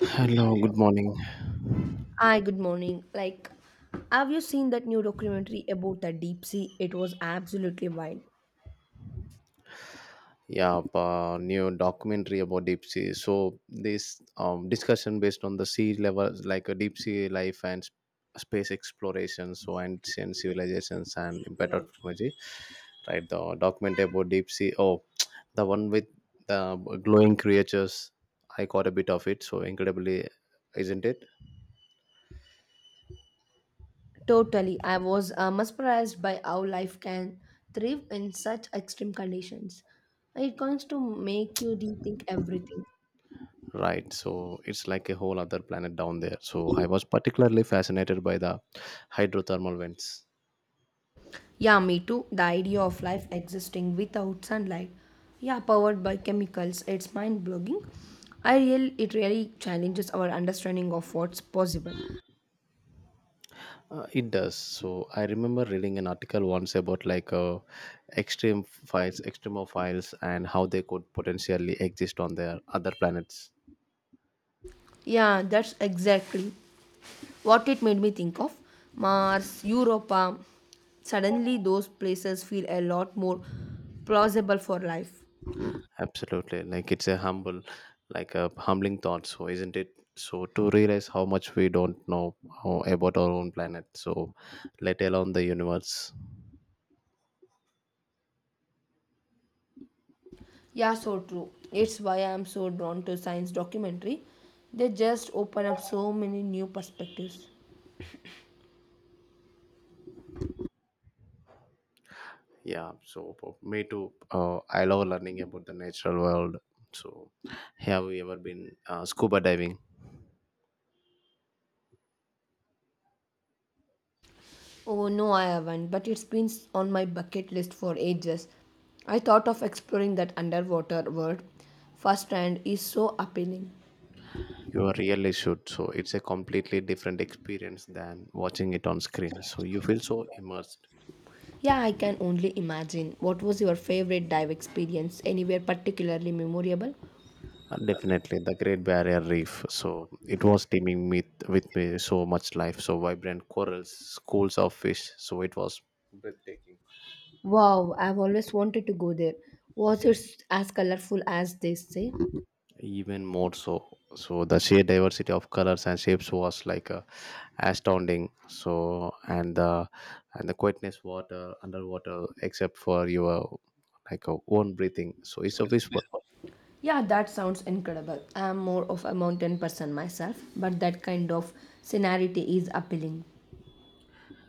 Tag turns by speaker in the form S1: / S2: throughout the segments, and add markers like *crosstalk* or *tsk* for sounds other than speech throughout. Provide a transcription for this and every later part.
S1: Hello, good morning.
S2: Hi, good morning. Like, have you seen that new documentary about the deep sea? It was absolutely wild.
S1: Yeah, new documentary about deep sea. So this discussion based on the sea level, like a deep sea life and space exploration, so ancient civilizations and better technology. Right, the documentary about deep sea. Oh, *tsk* the one with the glowing creatures. I caught a bit of it. So incredibly, isn't it?
S2: Totally. I was mesmerized by how life can thrive in such extreme conditions. It comes to make you rethink everything.
S1: Right. So it's like a whole other planet down there. So I was particularly fascinated by the hydrothermal vents.
S2: Yeah, me too. The idea of life existing without sunlight. Yeah, powered by chemicals. It's mind-blogging. It really challenges our understanding of what's possible.
S1: It does. So I remember reading an article once about like extreme files, extremophiles, and how they could potentially exist on their other planets.
S2: Yeah, that's exactly. What it made me think of Mars, Europa, suddenly those places feel a lot more plausible for life.
S1: Absolutely, like a humbling thought. So isn't it? So to realize how much we don't know about our own planet. So let alone the universe.
S2: Yeah, so true. It's why I'm so drawn to science documentary. They just open up so many new perspectives.
S1: Yeah. So for me too. I love learning about the natural world. So have you ever been scuba diving?
S2: Oh no, I haven't, but it's been on my bucket list for ages. I thought of exploring that underwater world firsthand is so appealing.
S1: You really should. So it's a completely different experience than watching it on screen. So you feel so immersed.
S2: Yeah, I can only imagine. What was your favorite dive experience? Anywhere particularly memorable?
S1: And definitely the Great Barrier Reef. So it was teeming with me so much life, so vibrant corals, schools of fish. So it was breathtaking,
S2: Wow, I've always wanted to go there. Was it as colorful as they say?
S1: even more so. So the sheer diversity of colors and shapes was like astounding. So and the quietness water underwater except for your like a own breathing, so it's a fish.
S2: Yeah, that sounds incredible. I am more of a mountain person myself, but that kind of scenery is appealing.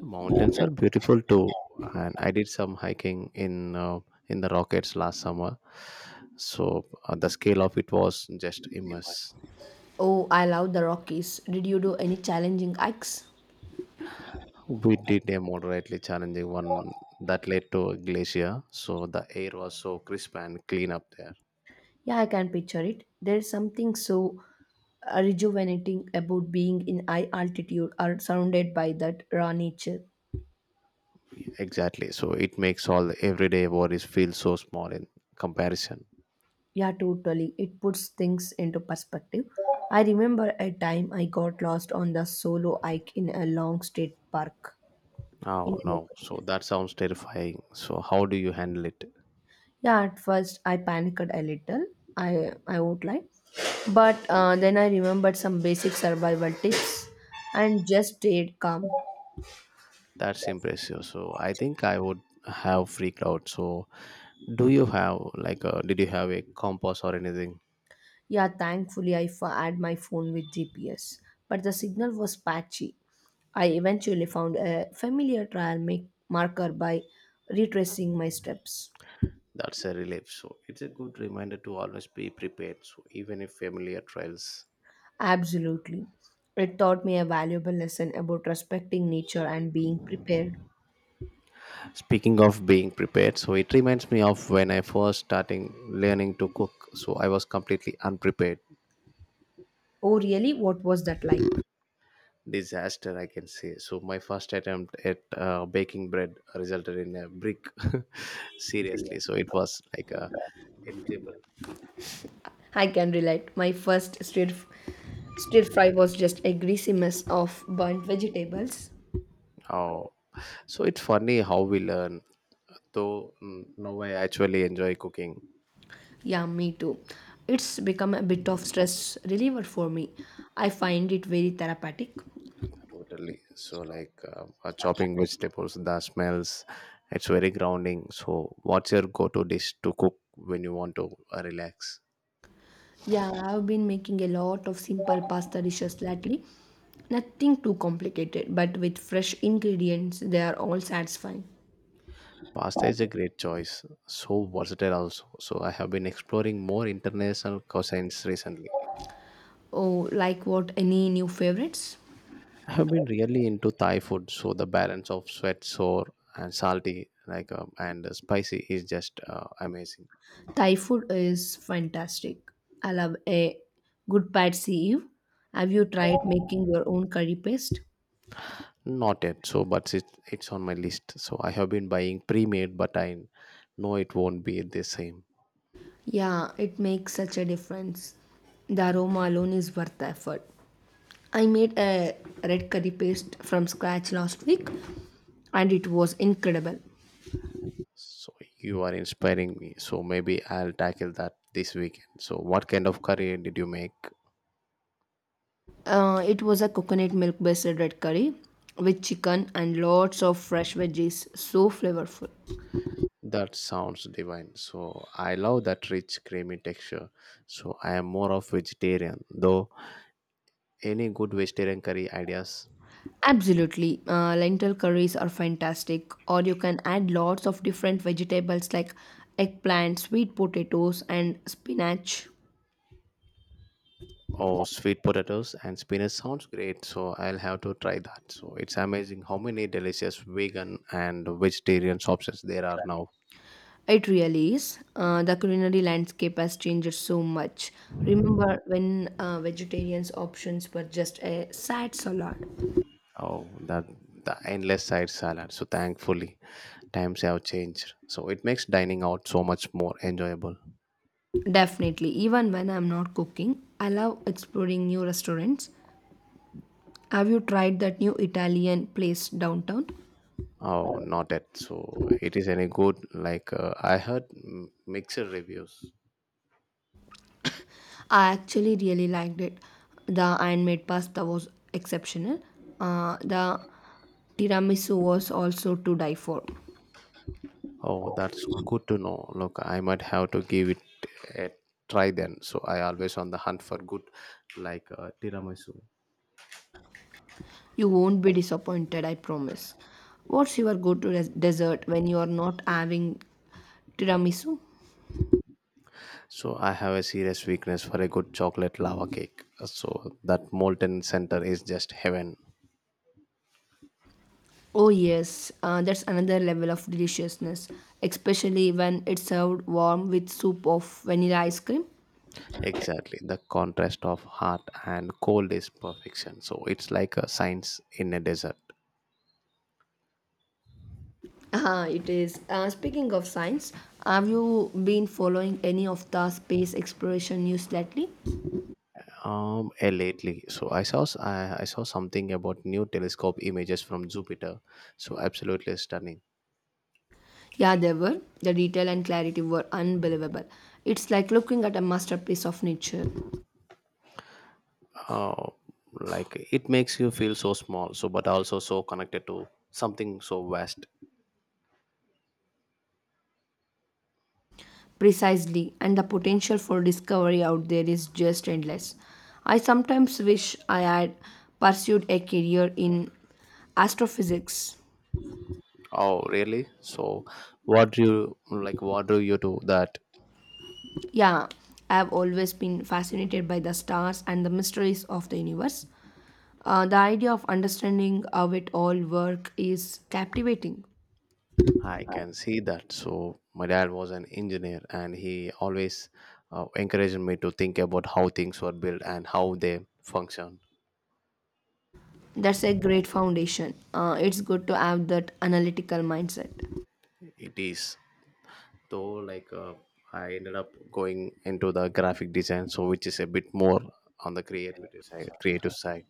S1: Mountains are beautiful too, and I did some hiking in the Rockets last summer. So the scale of it was just immense.
S2: Oh, I love the Rockies. Did you do any challenging hikes?
S1: We did a moderately challenging one that led to a glacier, so the air was so crisp and clean up there.
S2: Yeah, I can picture it. There is something so rejuvenating about being in high altitude or surrounded by that raw nature.
S1: Exactly, so it makes all the everyday worries feel so small in comparison.
S2: Yeah, totally. It puts things into perspective. I remember a time I got lost on the solo hike in a long state park in
S1: Oh
S2: a
S1: no,
S2: local.
S1: so that sounds terrifying. So how do you handle it?
S2: Yeah, at first I panicked a little. I won't lie, but then I remembered some basic survival tips and just stayed calm.
S1: That's impressive. So I think I would have freaked out. So do you have like a did you have a compass or anything?
S2: Yeah, thankfully I had my phone with GPS, but the signal was patchy. I eventually found a familiar trail marker by retracing my steps.
S1: That's a relief. So it's a good reminder to always be prepared. So even if familiar trials.
S2: Absolutely. It taught me a valuable lesson about respecting nature and being prepared.
S1: Speaking of being prepared, so it reminds me of when I first starting learning to cook. So I was completely unprepared.
S2: Oh, really? What was that like?
S1: Disaster, I can say. So my first attempt at baking bread resulted in a brick. *laughs* Seriously, so it was like a edible.
S2: I can relate. My first stir fry was just a greasy mess of burnt vegetables.
S1: Oh. So it's funny how we learn. Though now I actually enjoy cooking
S2: Yeah, me too. It's become a bit of stress reliever for me. I find it very therapeutic.
S1: totally. So like chopping vegetables, the smells, it's very grounding. So what's your go-to dish to cook when you want to relax?
S2: Yeah, I've been making a lot of simple pasta dishes lately. Nothing too complicated, but with fresh ingredients, they are all satisfying.
S1: Pasta is a great choice. So versatile also. So I have been exploring more international cuisines recently.
S2: Oh, like what? Any new favorites?
S1: I have been really into Thai food. So the balance of sweet, sour, and salty, like and spicy, is just amazing.
S2: Thai food is fantastic. I love a good pad see ew. Have you tried making your own curry paste?
S1: Not yet, so but it's on my list. So I have been buying pre-made, but I know it won't be the same.
S2: Yeah, it makes such a difference. The aroma alone is worth the effort. I made a red curry paste from scratch last week and it was incredible.
S1: So you are inspiring me. So maybe I'll tackle that this weekend. So what kind of curry did you make?
S2: It was a coconut milk based red curry with chicken and lots of fresh veggies. So flavorful.
S1: That sounds divine. So I love that rich creamy texture. So I am more of vegetarian, though. Any good vegetarian curry ideas?
S2: Absolutely. Lentil curries are fantastic, or you can add lots of different vegetables like eggplant, sweet potatoes, and spinach.
S1: Oh, sweet potatoes and spinach sounds great, so I'll have to try that. So it's amazing how many delicious vegan and vegetarian options there are now.
S2: It really is. The culinary landscape has changed so much. Remember when vegetarians' options were just a sad salad?
S1: Oh, that the endless side salad. So thankfully, times have changed. So it makes dining out so much more enjoyable.
S2: Definitely. Even when I'm not cooking, I love exploring new restaurants. Have you tried that new Italian place downtown?
S1: Oh, not it. So it is any good. Like I heard mixed reviews.
S2: I actually really liked it. The handmade pasta was exceptional. The tiramisu was also to die for.
S1: Oh, that's good to know. Look, I might have to give it a try then. So I always on the hunt for good, like tiramisu.
S2: You won't be disappointed, I promise. What's your go-to dessert when you are not having tiramisu?
S1: So I have a serious weakness for a good chocolate lava cake. So that molten center is just heaven.
S2: Oh yes, that's another level of deliciousness, especially when it's served warm with soup of vanilla ice cream.
S1: Exactly, the contrast of hot and cold is perfection. So it's like a science in a desert.
S2: It is. Speaking of science, have you been following any of the space exploration news lately?
S1: Lately, so I saw something about new telescope images from Jupiter. So absolutely stunning.
S2: Yeah, they were. The detail and clarity were unbelievable. It's like looking at a masterpiece of nature.
S1: uh, like it makes you feel so small, so but also so connected to something so vast.
S2: Precisely, and the potential for discovery out there is just endless. I sometimes wish I had pursued a career in astrophysics.
S1: Oh really. So what do you, what do you do that?
S2: Yeah, I have always been fascinated by the stars and the mysteries of the universe. The idea of understanding how it all work is captivating.
S1: I can see that. So my dad was an engineer, and he always encouraged me to think about how things were built and how they function.
S2: That's a great foundation. It's good to have that analytical mindset.
S1: It is, though, I ended up going into the graphic design, so which is a bit more on the creativity side creative side.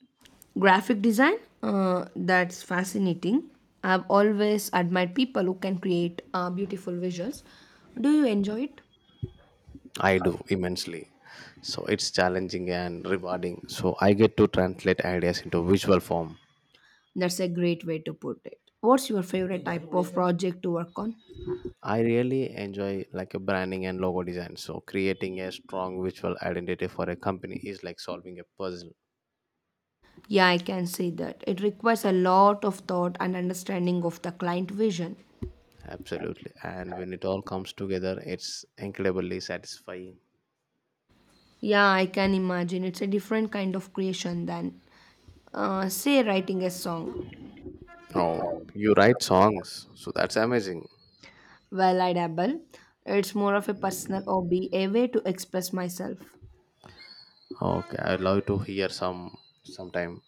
S2: Graphic design, that's fascinating. I've always admired people who can create beautiful visuals. Do you enjoy it?
S1: I do immensely. So it's challenging and rewarding. So I get to translate ideas into visual form.
S2: That's a great way to put it. What's your favorite type of project to work on?
S1: I really enjoy like a branding and logo design. So creating a strong visual identity for a company is like solving a puzzle.
S2: Yeah, I can say that. It requires a lot of thought and understanding of the client vision.
S1: Absolutely. And when it all comes together, it's incredibly satisfying.
S2: Yeah, I can imagine. It's a different kind of creation than, say, writing a song.
S1: Oh, you write songs. So that's amazing.
S2: Well, I dabble. It's more of a personal hobby, a way to express myself.
S1: Okay, I'd love to hear some sometime.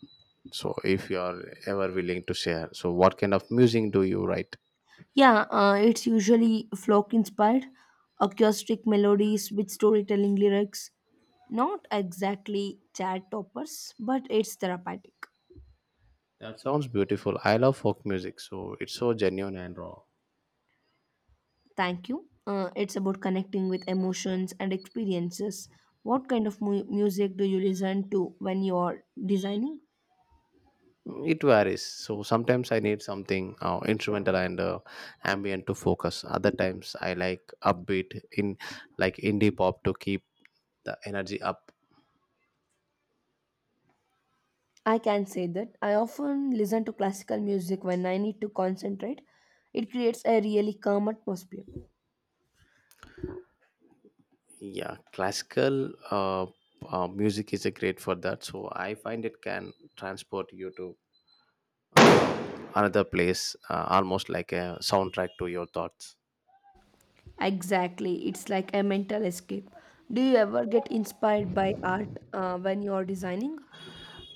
S1: So if you are ever willing to share. So what kind of music do you write?
S2: Yeah, it's usually folk inspired, acoustic melodies with storytelling lyrics. Not exactly chat toppers, but it's therapeutic.
S1: That sounds beautiful. I love folk music, so it's so genuine and raw.
S2: Thank you. It's about connecting with emotions and experiences. What kind of music do you listen to when you're designing?
S1: It varies. So sometimes I need something instrumental and ambient to focus. Other times I like upbeat in like indie pop to keep the energy up.
S2: I can say that. I often listen to classical music when I need to concentrate. It creates a really calm atmosphere.
S1: Yeah, classical music is a great for that. So I find it can transport you to another place, almost like a soundtrack to your thoughts.
S2: Exactly. It's like a mental escape. Do you ever get inspired by art when you're designing?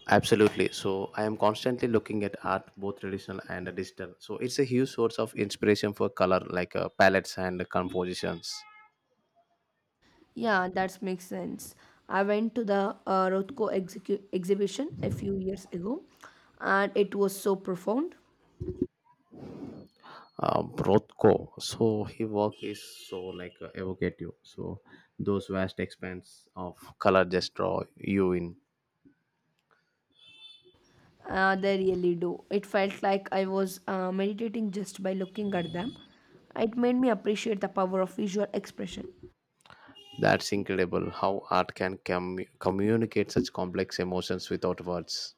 S1: Absolutely. So I am constantly looking at art, both traditional and digital. So it's a huge source of inspiration for color, like palettes and compositions.
S2: Yeah, that makes sense. I went to the Rothko exhibition a few years ago and it was so profound.
S1: Rothko, so his work is so like evocative. So those vast expanse of color just draw you in.
S2: They really do. It felt like I was meditating just by looking at them. It made me appreciate the power of visual expression.
S1: That's incredible how art can communicate such complex emotions without words.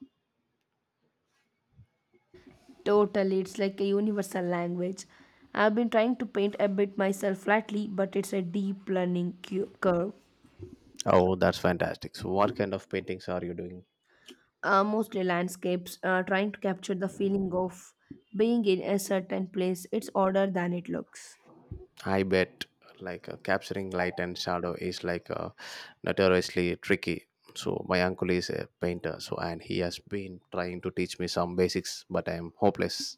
S2: Totally, it's like a universal language. I've been trying to paint a bit myself lately, but it's a deep learning curve.
S1: Oh, that's fantastic. So, what kind of paintings are you doing?
S2: Mostly landscapes, trying to capture the feeling of being in a certain place. It's odder than it looks.
S1: I bet like capturing light and shadow is like notoriously tricky. So my uncle is a painter, so and he has been trying to teach me some basics, but I am hopeless.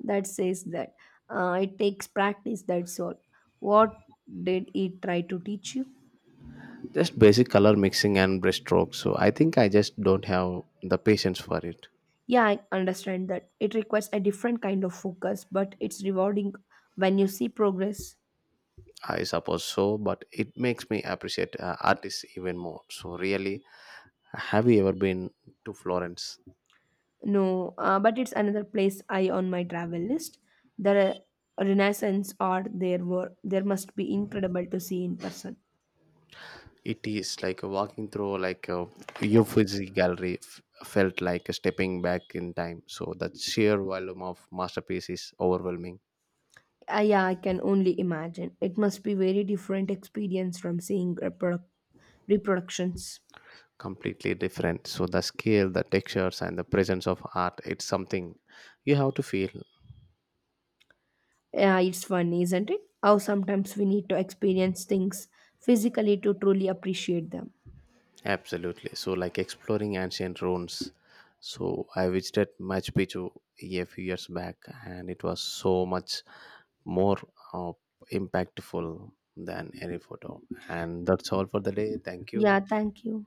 S2: That says that it takes practice, that's all. What did it try to teach you?
S1: Just basic color mixing and brush strokes. So I think I just don't have the patience for it.
S2: Yeah, I understand that. It requires a different kind of focus, but it's rewarding when you see progress.
S1: I suppose so, but it makes me appreciate artists even more. So really, have you ever been to Florence?
S2: No, but it's another place I on my travel list. The Renaissance art there were there must be incredible to see in person.
S1: It is like walking through like a Uffizi gallery felt like stepping back in time. So the sheer volume of masterpiece is overwhelming,
S2: Yeah, I can only imagine. It must be very different experience from seeing reproductions.
S1: completely different. So the scale, the textures, and the presence of art, it's something you have to feel
S2: Yeah, it's funny, isn't it? How sometimes we need to experience things physically to truly appreciate them.
S1: absolutely. So like exploring ancient ruins. So I visited Machu Picchu a few years back, and it was so much more uh, impactful than any photo. And that's all for the day. Thank you.
S2: Yeah, thank you.